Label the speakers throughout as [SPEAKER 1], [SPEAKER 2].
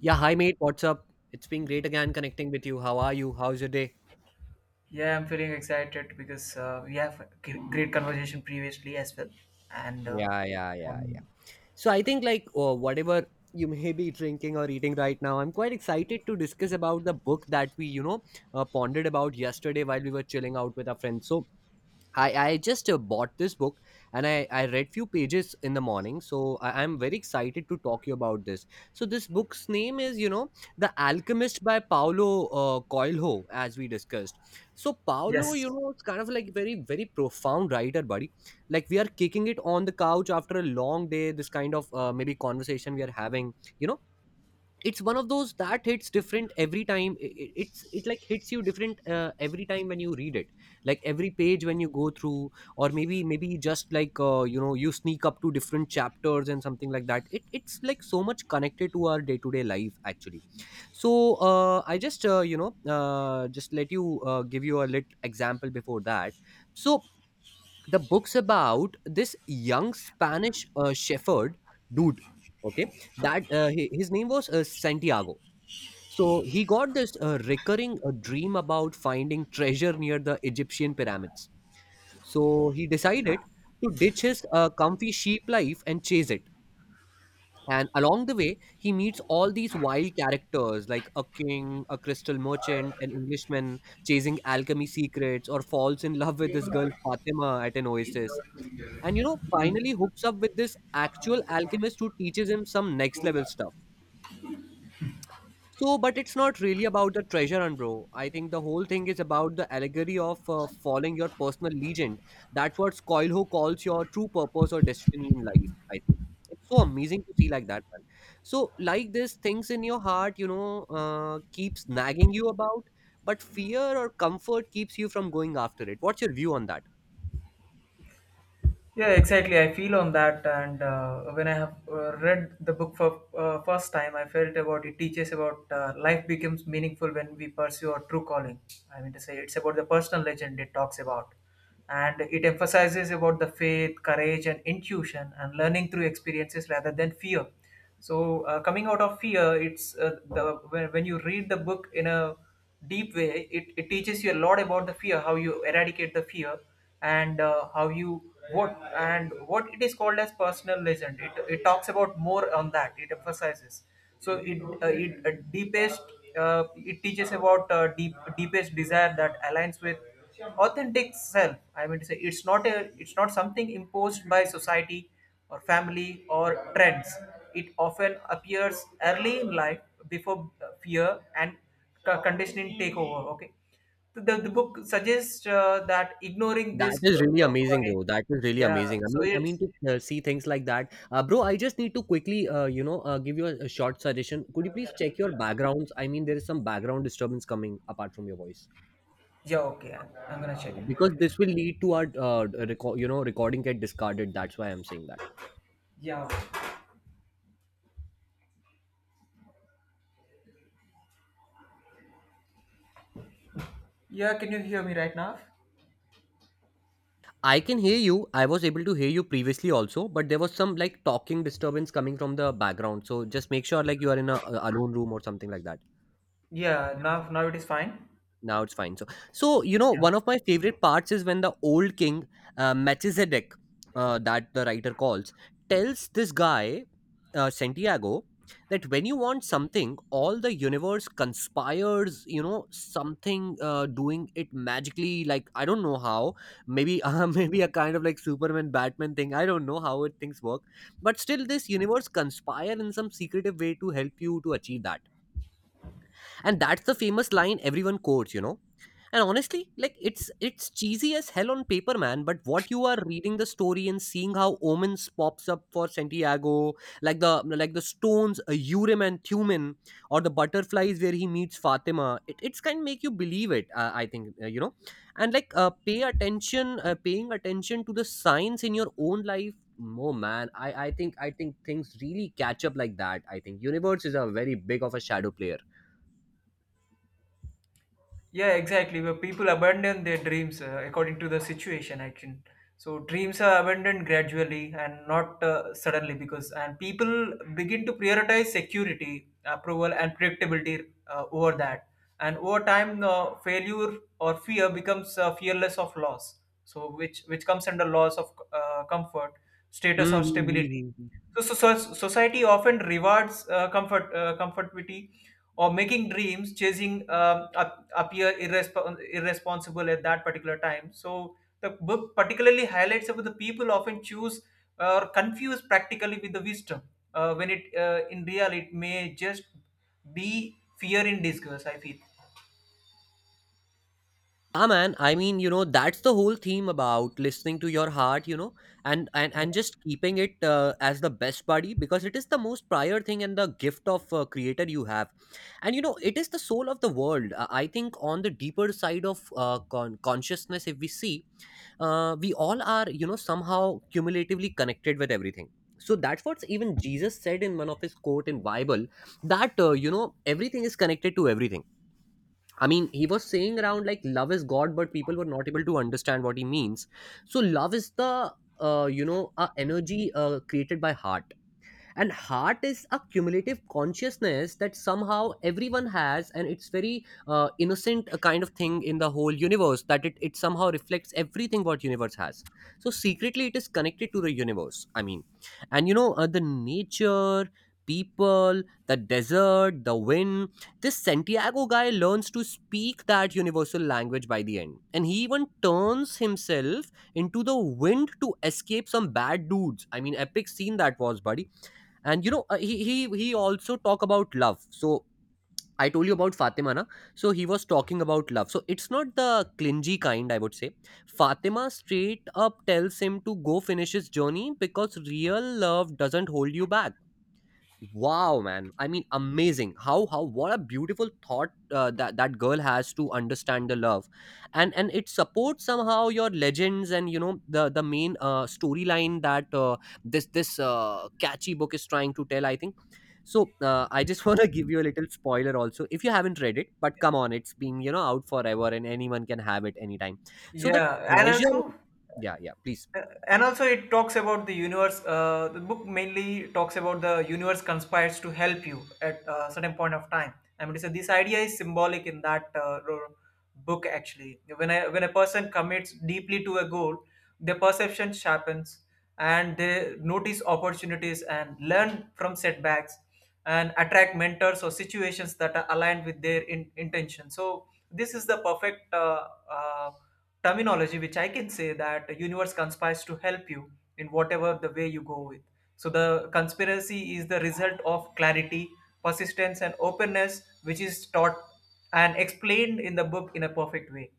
[SPEAKER 1] Yeah, hi mate, what's up? It's been great again connecting with you. How are you? How's your day?
[SPEAKER 2] Yeah, I'm feeling excited because we have a great conversation previously as well, and uh,
[SPEAKER 1] Yeah, yeah, yeah, yeah.
[SPEAKER 2] um,
[SPEAKER 1] So I think like oh, whatever you may be drinking or eating right now, I'm quite excited to discuss about the book that we pondered about yesterday while we were chilling out with our friends. So I just bought this book and I read few pages in the morning, so I'm very excited to talk you about this. So this book's name is, you know, The Alchemist by Paulo Coelho, as we discussed. So Paulo, you
[SPEAKER 2] yes,
[SPEAKER 1] know, it's kind of like very profound writer, buddy. Like we are kicking it on the couch after a long day, this kind of maybe conversation we are having, you know. It's one of those that hits different every time. It like hits you different every time when you read it, like every page when you go through, or maybe just like, you know, you sneak up to different chapters and something like that. It's like so much connected to our day-to-day life actually. So I just just let you give you a little example before that. So the book's about this young Spanish shepherd dude, okay, that his name was Santiago. So he got this recurring dream about finding treasure near the Egyptian pyramids. So he decided to ditch his comfy sheep life and chase it. And along the way, he meets all these wild characters, like a king, a crystal merchant, an Englishman chasing alchemy secrets, or falls in love with this girl Fatima at an oasis. And you know, finally hooks up with this actual alchemist who teaches him some next level stuff. So, but it's not really about the treasure hunt, bro. I think the whole thing is about the allegory of following your personal legend. That's what Coelho calls your true purpose or destiny in life. I think it's so amazing to see like that, man. So, like this, things in your heart, you know, keeps nagging you about, but fear or comfort keeps you from going after it. What's your view on that?
[SPEAKER 2] Yeah, exactly. I feel on that, and when I have read the book for first time, I felt about it teaches about life becomes meaningful when we pursue our true calling. I mean to say, it's about the personal legend it talks about, and it emphasizes about the faith, courage, and intuition, and learning through experiences rather than fear. So, coming out of fear, when you read the book in a deep way it teaches you a lot about the fear how you eradicate the fear and how you what and what it is called as personal legend it talks about more on that it emphasizes. So it it deepest it teaches about deepest desire that aligns with authentic self. I mean to say, it's not something imposed by society or family or trends. It often appears early in life before fear and conditioning take over. Okay, the book suggests that ignoring
[SPEAKER 1] That
[SPEAKER 2] this,
[SPEAKER 1] is really amazing,
[SPEAKER 2] calling-
[SPEAKER 1] bro. That is really
[SPEAKER 2] yeah.
[SPEAKER 1] amazing. I
[SPEAKER 2] So
[SPEAKER 1] mean, I mean
[SPEAKER 2] it's
[SPEAKER 1] to see things like that, bro. I just need to quickly, give you a short suggestion. Could you please check your backgrounds? I mean, there is some background disturbance coming apart from your voice.
[SPEAKER 2] yeah. Okay, I'm gonna
[SPEAKER 1] Yeah,
[SPEAKER 2] check it.
[SPEAKER 1] because this will lead to our, recording get discarded. That's why I'm saying that.
[SPEAKER 2] Yeah. Yeah. Can you hear me right now?
[SPEAKER 1] I can hear you. I was able to hear you previously also, but there was some like talking disturbance coming from the background. So just make sure like you are in a alone room or something like that.
[SPEAKER 2] Yeah. Now it is fine.
[SPEAKER 1] Now it's fine. So you know,
[SPEAKER 2] Yeah.
[SPEAKER 1] one of my favorite parts is when the old king, Melchizedek, that the writer calls, tells this guy, Santiago, that when you want something, all the universe conspires. You know, something doing it magically. Like I don't know how. Maybe maybe a kind of like Superman, Batman thing. I don't know how it things work. But still, this universe conspire in some secretive way to help you to achieve that. And that's the famous line everyone quotes, you know. And honestly, like it's cheesy as hell on paper, man. But what you are reading the story and seeing how omens pops up for Santiago, like the like the stones, Urim and Thummim, or the butterflies where he meets Fatima, it's kind of make you believe it. I think, you know, and like pay attention, paying attention to the signs in your own life. No man, I think things really catch up like that. I think universe is a very big of a shadow player.
[SPEAKER 2] Yeah, exactly. Where people abandon their dreams according to the situation, I think. So dreams are abandoned gradually and not suddenly, because and people begin to prioritize security, approval, and predictability over that. And over time, failure or fear becomes fearless of loss. So which comes under loss of comfort, status,
[SPEAKER 1] Hmm.
[SPEAKER 2] or
[SPEAKER 1] Hmm,
[SPEAKER 2] stability.
[SPEAKER 1] hmm, hmm, hmm.
[SPEAKER 2] So society often rewards comfortability, or making dreams, chasing appear irresponsible at that particular time. So the book particularly highlights about the people often choose or confuse practically with the wisdom. When it in real, it may just be fear in disguise, I feel.
[SPEAKER 1] Ah man, I mean, you know, that's the whole theme about listening to your heart, you know, and and
[SPEAKER 2] Yeah.
[SPEAKER 1] and just keeping it as the best buddy, because it is the most prior thing and the gift of creator you have, and you know, it is the soul of the world. I think on the deeper side of consciousness, if we see, we all are, you know, somehow cumulatively connected with everything. So that's what even Jesus said in one of his quote in Bible, that you know, everything is connected to everything. I mean, he was saying around like love is God, but people were not able to understand what he means. So love is the energy created by heart, and heart is a cumulative consciousness that somehow everyone has, and it's very innocent kind of thing in the whole universe, that it somehow reflects everything what universe has. So secretly it is connected to the universe, I mean, and you know, the nature, people, the desert, the wind. This Santiago guy learns to speak that universal language by the end, and he even turns himself into the wind to escape some bad dudes. I mean, epic scene that was, buddy. And you know, he also talk about love. So I told you about Fatima, na? So he was talking about love. So it's not the clingy kind, I would say. Fatima straight up tells him to go finish his journey, because real love doesn't hold you back. Wow man, I mean amazing how what a beautiful thought that that girl has to understand the love. And it supports somehow your legends, and you know, the main storyline that this catchy book is trying to tell, I think. So I just want to give you a little spoiler also, if you haven't read it, but come on, it's been, you know, out forever, and anyone can have it anytime. So the
[SPEAKER 2] Yeah, and
[SPEAKER 1] treasure,
[SPEAKER 2] also
[SPEAKER 1] yeah, yeah, please.
[SPEAKER 2] Uh, and also it talks about the universe. The book mainly talks about the universe conspires to help you at a certain point of time. I mean, so this idea is symbolic in that book actually. When a person commits deeply to a goal, their perception sharpens and they notice opportunities and learn from setbacks and attract mentors or situations that are aligned with their intention. So this is the perfect uh, terminology, which I can say that the universe conspires to help you in whatever the way you go with. So the conspiracy is the result of clarity, persistence and openness, which is taught and explained in the book in a perfect way.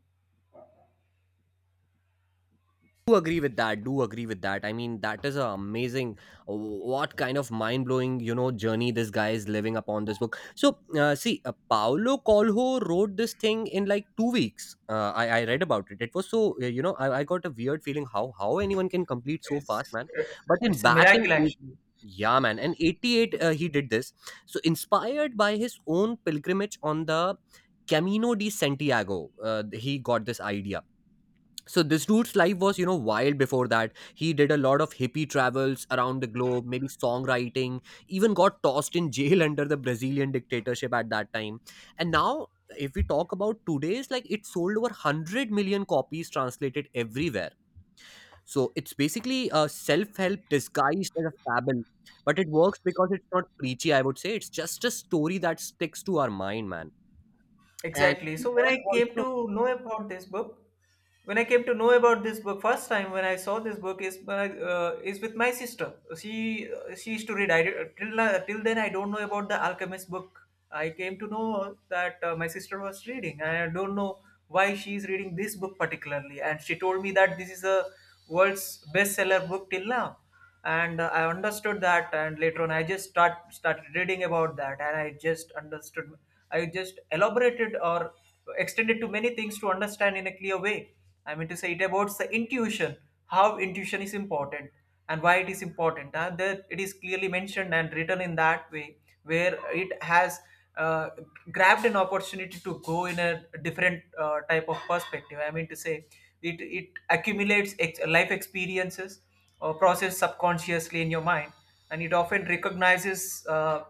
[SPEAKER 1] Do agree with that. I mean that is a amazing, what kind of mind blowing, you know, journey this guy is living upon this book. So see, Paulo Coelho wrote this thing in like 2 weeks. I read about it. It was so, you know, I got a weird feeling how anyone can complete so fast,
[SPEAKER 2] It's
[SPEAKER 1] man. But in
[SPEAKER 2] it's a
[SPEAKER 1] back in
[SPEAKER 2] miracle actually.
[SPEAKER 1] yeah, man, and 88, he did this. So, inspired by his own pilgrimage on the Camino de Santiago, he got this idea. So, this dude's life was, you know, wild before that. He did a lot of hippie travels around the globe, maybe songwriting, even got tossed in jail under the Brazilian dictatorship at that time. And now, if we talk about today's, like it sold over 100 million copies, translated everywhere. So it's basically a self-help disguised as a fable, but it works because it's not preachy. I would say it's just a story that sticks to our mind, man. And
[SPEAKER 2] Exactly. So when
[SPEAKER 1] and
[SPEAKER 2] I came
[SPEAKER 1] also
[SPEAKER 2] to know about this book, when I came to know about this book first time, when I saw this book is by, is with my sister. She used to read. I did- till now- Till then I don't know about the Alchemist book. I came to know that my sister was reading, and I don't know why she is reading this book particularly. And she told me that this is a world's bestseller book till now. And I understood that, and later on I just start started reading about that, and I just understood. I just elaborated or extended to many things to understand in a clear way. I mean to say it about the intuition, how intuition is important and why it is important, that it is clearly mentioned and written in that way, where it has uh, grabbed an opportunity to go in a different type of perspective. I mean to say it accumulates life experiences or processed subconsciously in your mind, and it often recognizes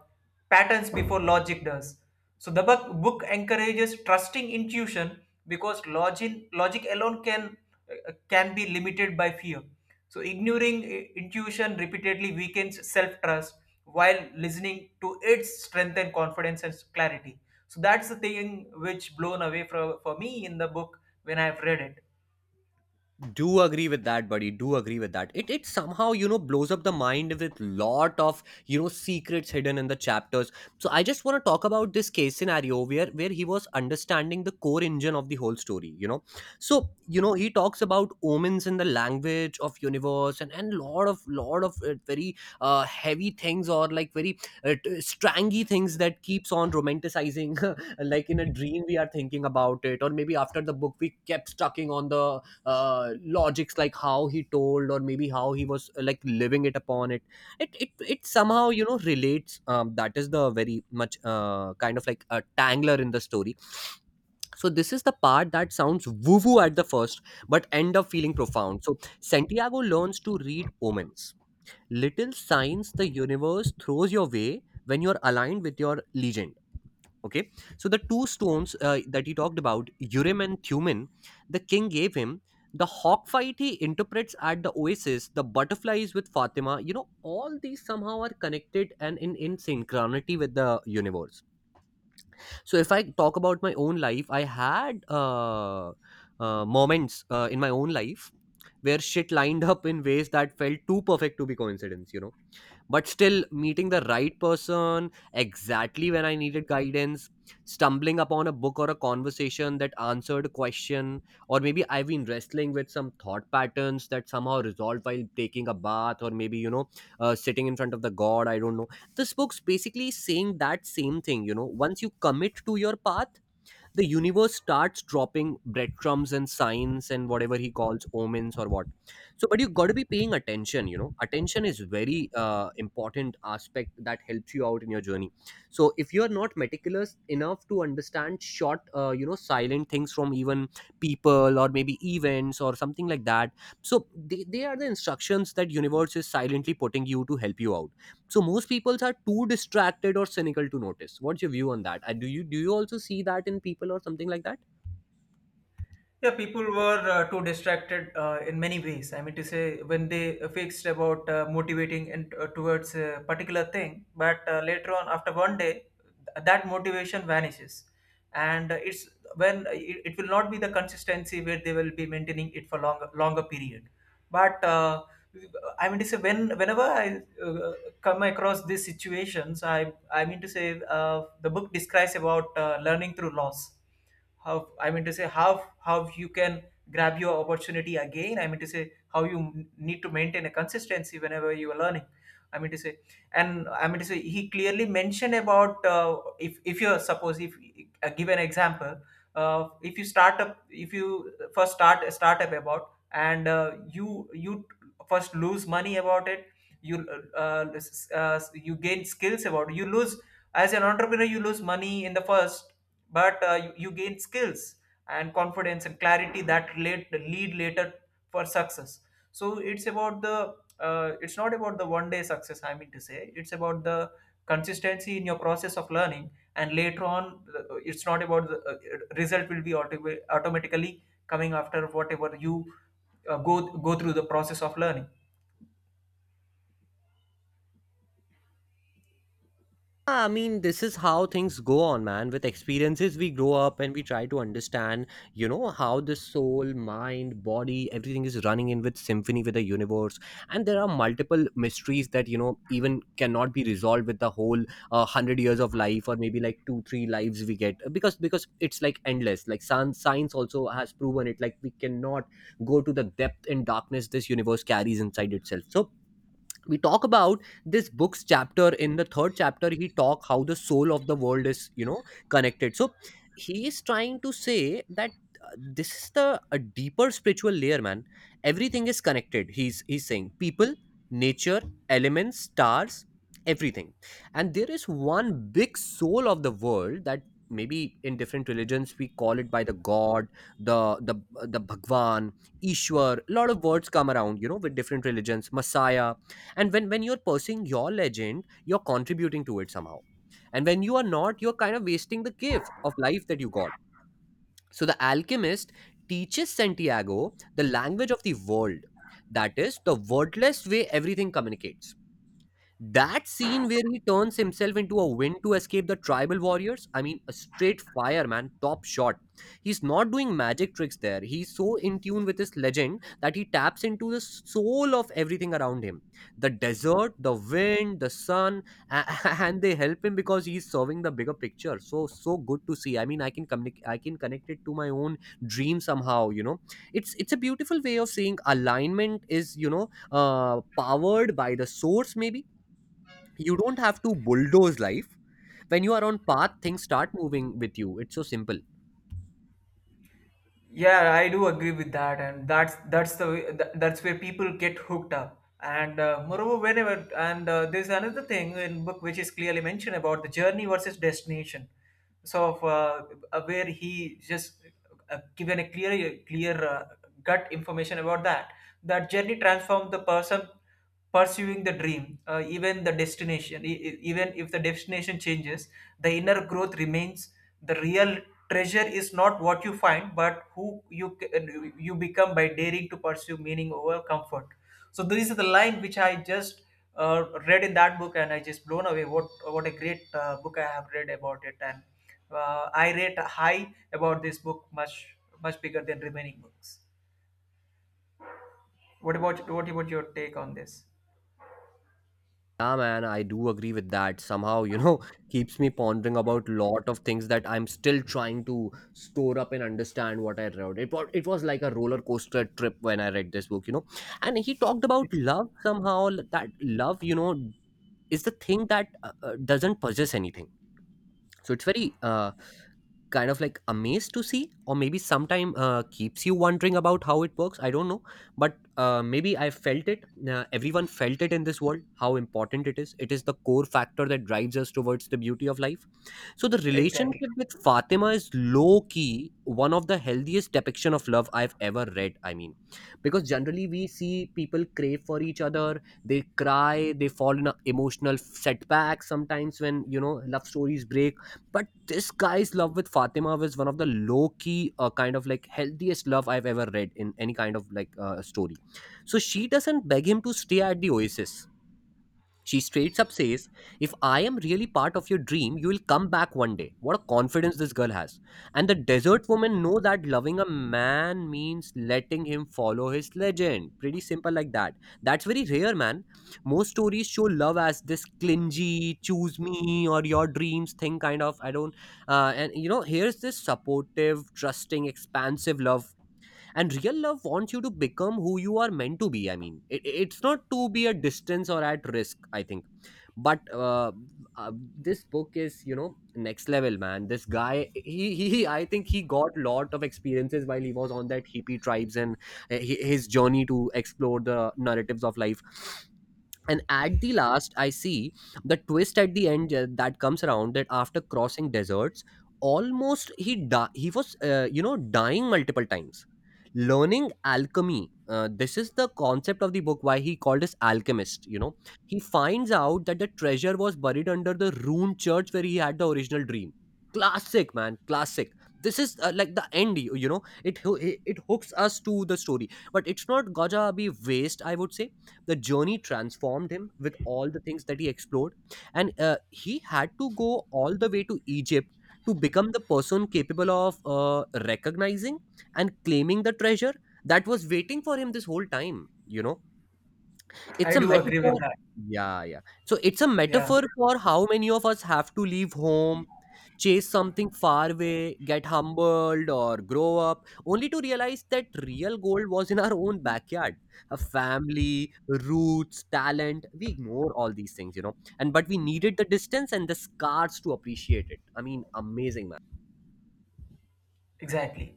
[SPEAKER 2] patterns before logic does. So book encourages trusting intuition, because logic alone can be limited by fear. So ignoring intuition repeatedly weakens self trust, while listening to it strengthens confidence and clarity. So that's the thing which blown away for me in the book when I've read it.
[SPEAKER 1] do agree with that, buddy, do agree with that. It somehow, you know, blows up the mind with lot of, you know, secrets hidden in the chapters. So I just want to talk about this case scenario, where he was understanding the core engine of the whole story, you know. So you know, he talks about omens in the language of universe, and lot of very heavy things, or like very strangy things that keeps on romanticizing, like in a dream we are thinking about it, or maybe after the book we kept stucking on the logics, like how he told, or maybe how he was like living it upon it. It somehow, you know, relates um, that is the very much kind of like a tangler in the story. So this is the part that sounds woo woo at the first, but end up feeling profound. So Santiago learns to read omens, little signs the universe throws your way when you're aligned with your legend, okay. So the two stones that he talked about, Urim and Thummim, the king gave him. The hawk fight he interprets at the oasis, the butterflies with Fatima, you know, all these somehow are connected and in synchronicity with the universe. So if I talk about my own life, I had moments in my own life where shit lined up in ways that felt too perfect to be coincidence, you know. But still, meeting the right person exactly when I needed guidance, stumbling upon a book Or a conversation that answered a question. Or maybe I've been wrestling with some thought patterns that somehow resolved while taking a bath, or maybe sitting in front of the god, I don't know. This book's basically saying that same thing, you know. Once you commit to your path, the universe starts dropping breadcrumbs and signs and whatever he calls omens or what. So but you got to be paying attention, you know. Attention is very important aspect that helps you out in your journey. So if you are not meticulous enough to understand short, silent things from even people or maybe events or something like that. So they are the instructions that universe is silently putting you to help you out. So most peoples are too distracted or cynical to notice. What's your view on that? Do you also see that in people or something like that?
[SPEAKER 2] Yeah, people were too distracted in many ways. I mean to say, when they fixed about motivating and towards a particular thing, but later on, after one day, that motivation vanishes, and it's when it will not be the consistency where they will be maintaining it for longer period. But I mean to say, whenever I uh, come across these situations, I mean to say, the book describes about learning through loss. How, I mean to say, how you can grab your opportunity again. I mean to say how you need to maintain a consistency whenever you are learning. I mean to say, and I mean to say, he clearly mentioned about, if you suppose if give an example, if you first start a startup about, and you first lose money about it. you uh, you gain skills about it. You lose, as an entrepreneur, you lose money in the first, but you gain skills and confidence and clarity that relate lead later for success. So it's about the it's not about the one day success. I mean to say, it's about the consistency in your process of learning. And later on, it's not about the result will be automatically coming after whatever you go through the process of learning.
[SPEAKER 1] Yeah, I mean, this is how things go on, man. With experiences, we grow up and we try to understand, you know, how the soul, mind, body, everything is running in with symphony with the universe. And there are multiple mysteries that, you know, even cannot be resolved with the whole hundred years of life, or maybe like two, three lives we get, because it's like endless. Like sun, science also has proven it. Like we cannot go to the depth and darkness this universe carries inside itself. So we talk about this book's chapter. In the third chapter he talk how the soul of the world is, you know, connected. So he is trying to say that this is the a deeper spiritual layer, man. Everything is connected. He's saying people, nature, elements, stars, everything. And there is one big soul of the world that, maybe in different religions, we call it by the god, the the the bhagwan, ishwar. A lot of words come around, you know, with different religions: messiah. And when you're pursuing your legend, you're contributing to it somehow. And when you are not, you're kind of wasting the gift of life that you got. So the alchemist teaches Santiago the language of the world, that is the wordless way everything communicates. That scene where he turns himself into a wind to escape the tribal warriors, I mean, a straight fire, man, top shot. He's not doing magic tricks there. He's so in tune with his legend that he taps into the soul of everything around him: the desert, the wind, the sun, a- and they help him because he's serving the bigger picture. So, so good to see. I mean, I can connect it to my own dream somehow, you know. It's a beautiful way of saying alignment is, you know, powered by the source. Maybe you don't have to bulldoze life. When you are on path, things start moving with you. It's so simple.
[SPEAKER 2] Yeah, I do agree with that, and that's that's where people get hooked up. And moreover, whenever, and there's another thing in book which is clearly mentioned about the journey versus destination. So, of, uh, where he just given a clear gut information about that, that journey transformed the person pursuing the dream, even the destination, even if the destination changes, the inner growth remains. The real treasure is not what you find, but who you become by daring to pursue meaning over comfort. So this is the line which I just read in that book, and I just blown away. What a great book I have read about it, and I rate high about this book much bigger than remaining books. What about your take on this?
[SPEAKER 1] Yeah, man, I do agree with that somehow, you know. Keeps me pondering about lot of things that I'm still trying to store up and understand what I read. It was like a roller coaster trip when I read this book, you know. And he talked about
[SPEAKER 2] Ex-
[SPEAKER 1] love somehow, that love, you know, is the thing that doesn't possess anything. So it's very kind of like amazed to see, or maybe sometime keeps you wondering about how it works, I don't know. But maybe I felt it. Everyone felt it in this world. How important it is. It is the core factor that drives us towards the beauty of life. So the relationship
[SPEAKER 2] Exactly.
[SPEAKER 1] with Fatima is low key one of the healthiest depiction of love I've ever read. I mean, because generally we see people crave for each other, they cry, they fall in a emotional setback sometimes when, you know, love stories break. But this guy's love with Fatima was one of the low key kind of like healthiest love I've ever read in any kind of like story. So she doesn't beg him to stay at the oasis, she straight up says, "If I am really part of your dream, you will come back one day." What a confidence this girl has. And the desert woman know that loving a man means letting him follow his legend. Pretty simple like that. That's very rare, man. Most stories show love as this clingy, choose me or your dreams thing kind of. I don't. And, you know, here's this supportive, trusting, expansive love. And real love wants you to become who you are meant to be. I mean, it's not to be a distance or at risk, I think. But this book is, you know, next level, man. This guy, I think he got lot of experiences while he was on that hippie tribes, and his journey to explore the narratives of life. And at the last, I see the twist at the end, that comes around that after crossing deserts, almost he was, you know, dying multiple times, learning alchemy. This is the concept of the book why he called us alchemist, you know. He finds out that the treasure was buried under the ruined church where he had the original dream. Classic, man, classic. This is like the end. You know, it hooks us to the story. But it's not gaja abhi waste, I would say. The journey transformed him with all the things that he explored. And he had to go all the way to Egypt to become the person capable of recognizing and claiming the treasure that was waiting for him this whole time, you know. It's
[SPEAKER 2] I
[SPEAKER 1] a
[SPEAKER 2] do agree
[SPEAKER 1] metaphor.
[SPEAKER 2] with that.
[SPEAKER 1] Yeah, yeah. So it's a
[SPEAKER 2] Yeah,
[SPEAKER 1] metaphor for how many of us have to leave home, chase something far away, get humbled, or grow up, only to realize that real gold was in our own backyard. A family, roots, talent. We ignore all these things, you know. And but we needed the distance and the scars to appreciate it. I mean, amazing, man.
[SPEAKER 2] exactly.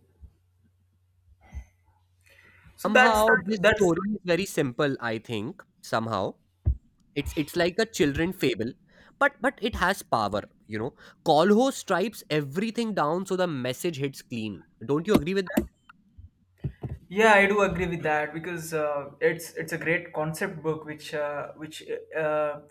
[SPEAKER 2] So that's
[SPEAKER 1] Somehow this
[SPEAKER 2] that's
[SPEAKER 1] story is very simple, I think. Somehow. It's like a children fable, but it has power, you know. Kolho stripes everything down so the message hits clean. Don't you agree with that?
[SPEAKER 2] Yeah, I do agree with that, because it's a great concept book, which uh,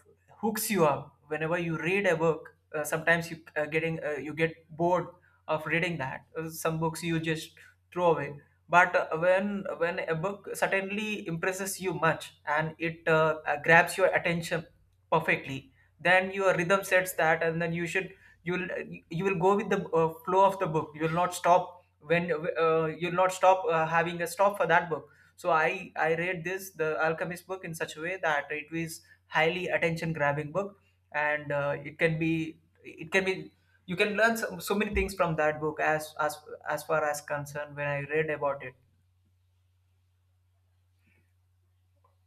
[SPEAKER 2] hooks you up whenever you read a book. Sometimes you getting you get bored of reading that. Some books you just throw away. But when a book certainly impresses you much and it grabs your attention perfectly, then your rhythm sets that, and then you will you will go with the flow of the book. You will not stop when you'll not stop having a stop for that book. So I read this the Alchemist book in such a way that it is highly attention grabbing book. And it can be, you can learn so, so many things from that book, as far as concerned when I read about it.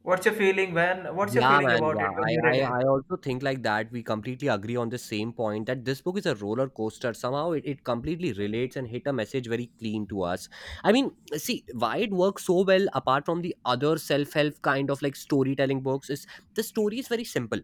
[SPEAKER 2] What's your
[SPEAKER 1] Yeah,
[SPEAKER 2] feeling
[SPEAKER 1] man.
[SPEAKER 2] about
[SPEAKER 1] Yeah,
[SPEAKER 2] it when
[SPEAKER 1] I,
[SPEAKER 2] you
[SPEAKER 1] I,
[SPEAKER 2] read it?
[SPEAKER 1] I also think like that. We completely agree on the same point that this book is a roller coaster. Somehow it completely relates and hit a message very clean to us. I mean, see, why it works so well apart from the other self help kind of like storytelling books is the story is very simple,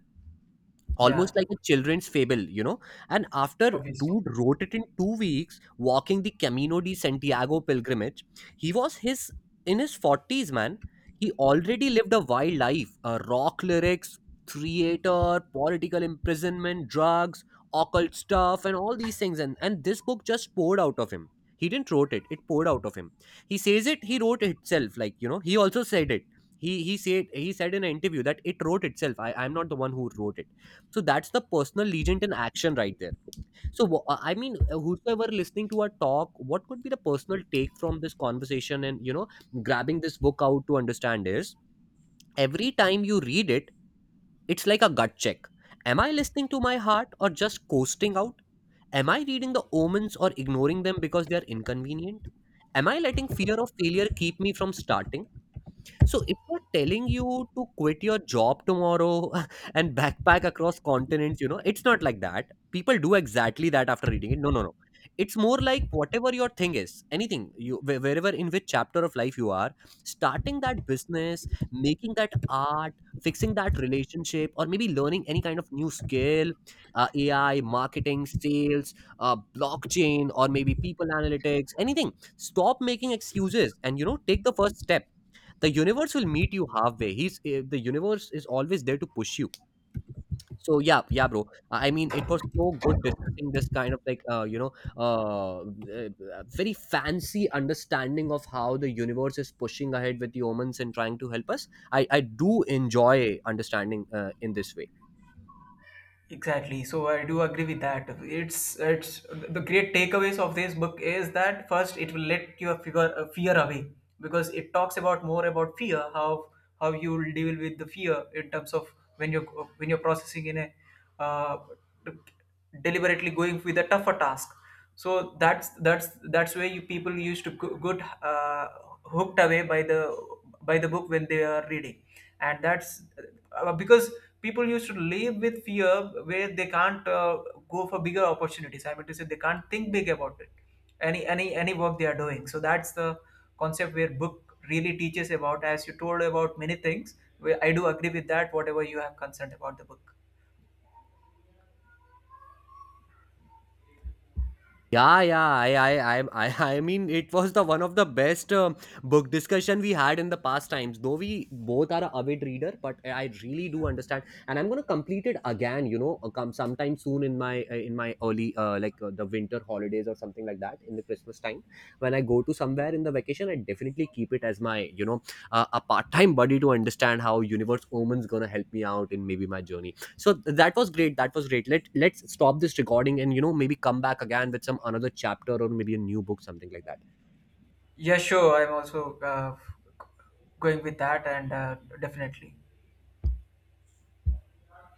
[SPEAKER 2] Yeah,
[SPEAKER 1] almost like a children's fable, you know. And after
[SPEAKER 2] obviously.
[SPEAKER 1] Dude wrote it in 2 weeks, walking the Camino de Santiago pilgrimage, he was his in his forties, man. He already lived a wild life: rock lyrics, theater, political imprisonment, drugs, occult stuff, and all these things. And this book just poured out of him. He didn't wrote it; it poured out of him. He says it. He wrote it itself. Like, you know, he also said it. He said in an interview that it wrote itself. I'm not the one who wrote it. So that's the personal legend in action right there. So I mean, whosoever listening to our talk, what could be the personal take from this conversation, and, you know, grabbing this book out to understand, is every time you read it, it's like a gut check. Am I listening to my heart or just coasting out? Am I reading the omens or ignoring them because they are inconvenient? Am I letting fear of failure keep me from starting? So it's not telling you to quit your job tomorrow and backpack across continents, you know. It's not like that. People do exactly that after reading it. No, no, no. It's more like whatever your thing is, anything you wherever in which chapter of life you are, starting that business, making that art, fixing that relationship, or maybe learning any kind of new skill, AI, marketing, sales, blockchain, or maybe people analytics, anything. Stop making excuses and, you know, take the first step. The universe will meet you halfway. The universe is always there to push you. So yeah, yeah, bro. I mean, it was so good discussing this kind of like uh, eh, very fancy understanding of how the universe is pushing ahead with humans and trying to help us. I do enjoy understanding in this way.
[SPEAKER 2] Exactly. So I do agree with that. It's the great takeaways of this book is that first it will let your fear fear away, because it talks about more about fear, how you will deal with the fear in terms of when you're when you're processing in a uh, deliberately going with a tougher task. So that's where you people used to get hooked away by the book when they are reading. And that's because people used to live with fear, where they can't go for bigger opportunities. I mean to say, they can't think big about it, any work they are doing. So that's the concept where book really teaches about, as you told about many things, where I do agree with that whatever you have concerned about the book.
[SPEAKER 1] Yeah, yeah. I mean, it was the one of the best book discussion we had in the past times. Though we both are a avid reader, but I really do understand, and I'm gonna complete it again. You know, come sometime soon in my in my early the winter holidays or something like that in the Christmas time when I go to somewhere in the vacation. I definitely keep it as my, you know, a part time buddy to understand how Universe Omen's gonna help me out in maybe my journey. So that was great, that was great. Let let's stop this recording, and, you know, maybe come back again with some another chapter or maybe a new book, something like that.
[SPEAKER 2] Yeah, sure. I'm also going with that, and definitely.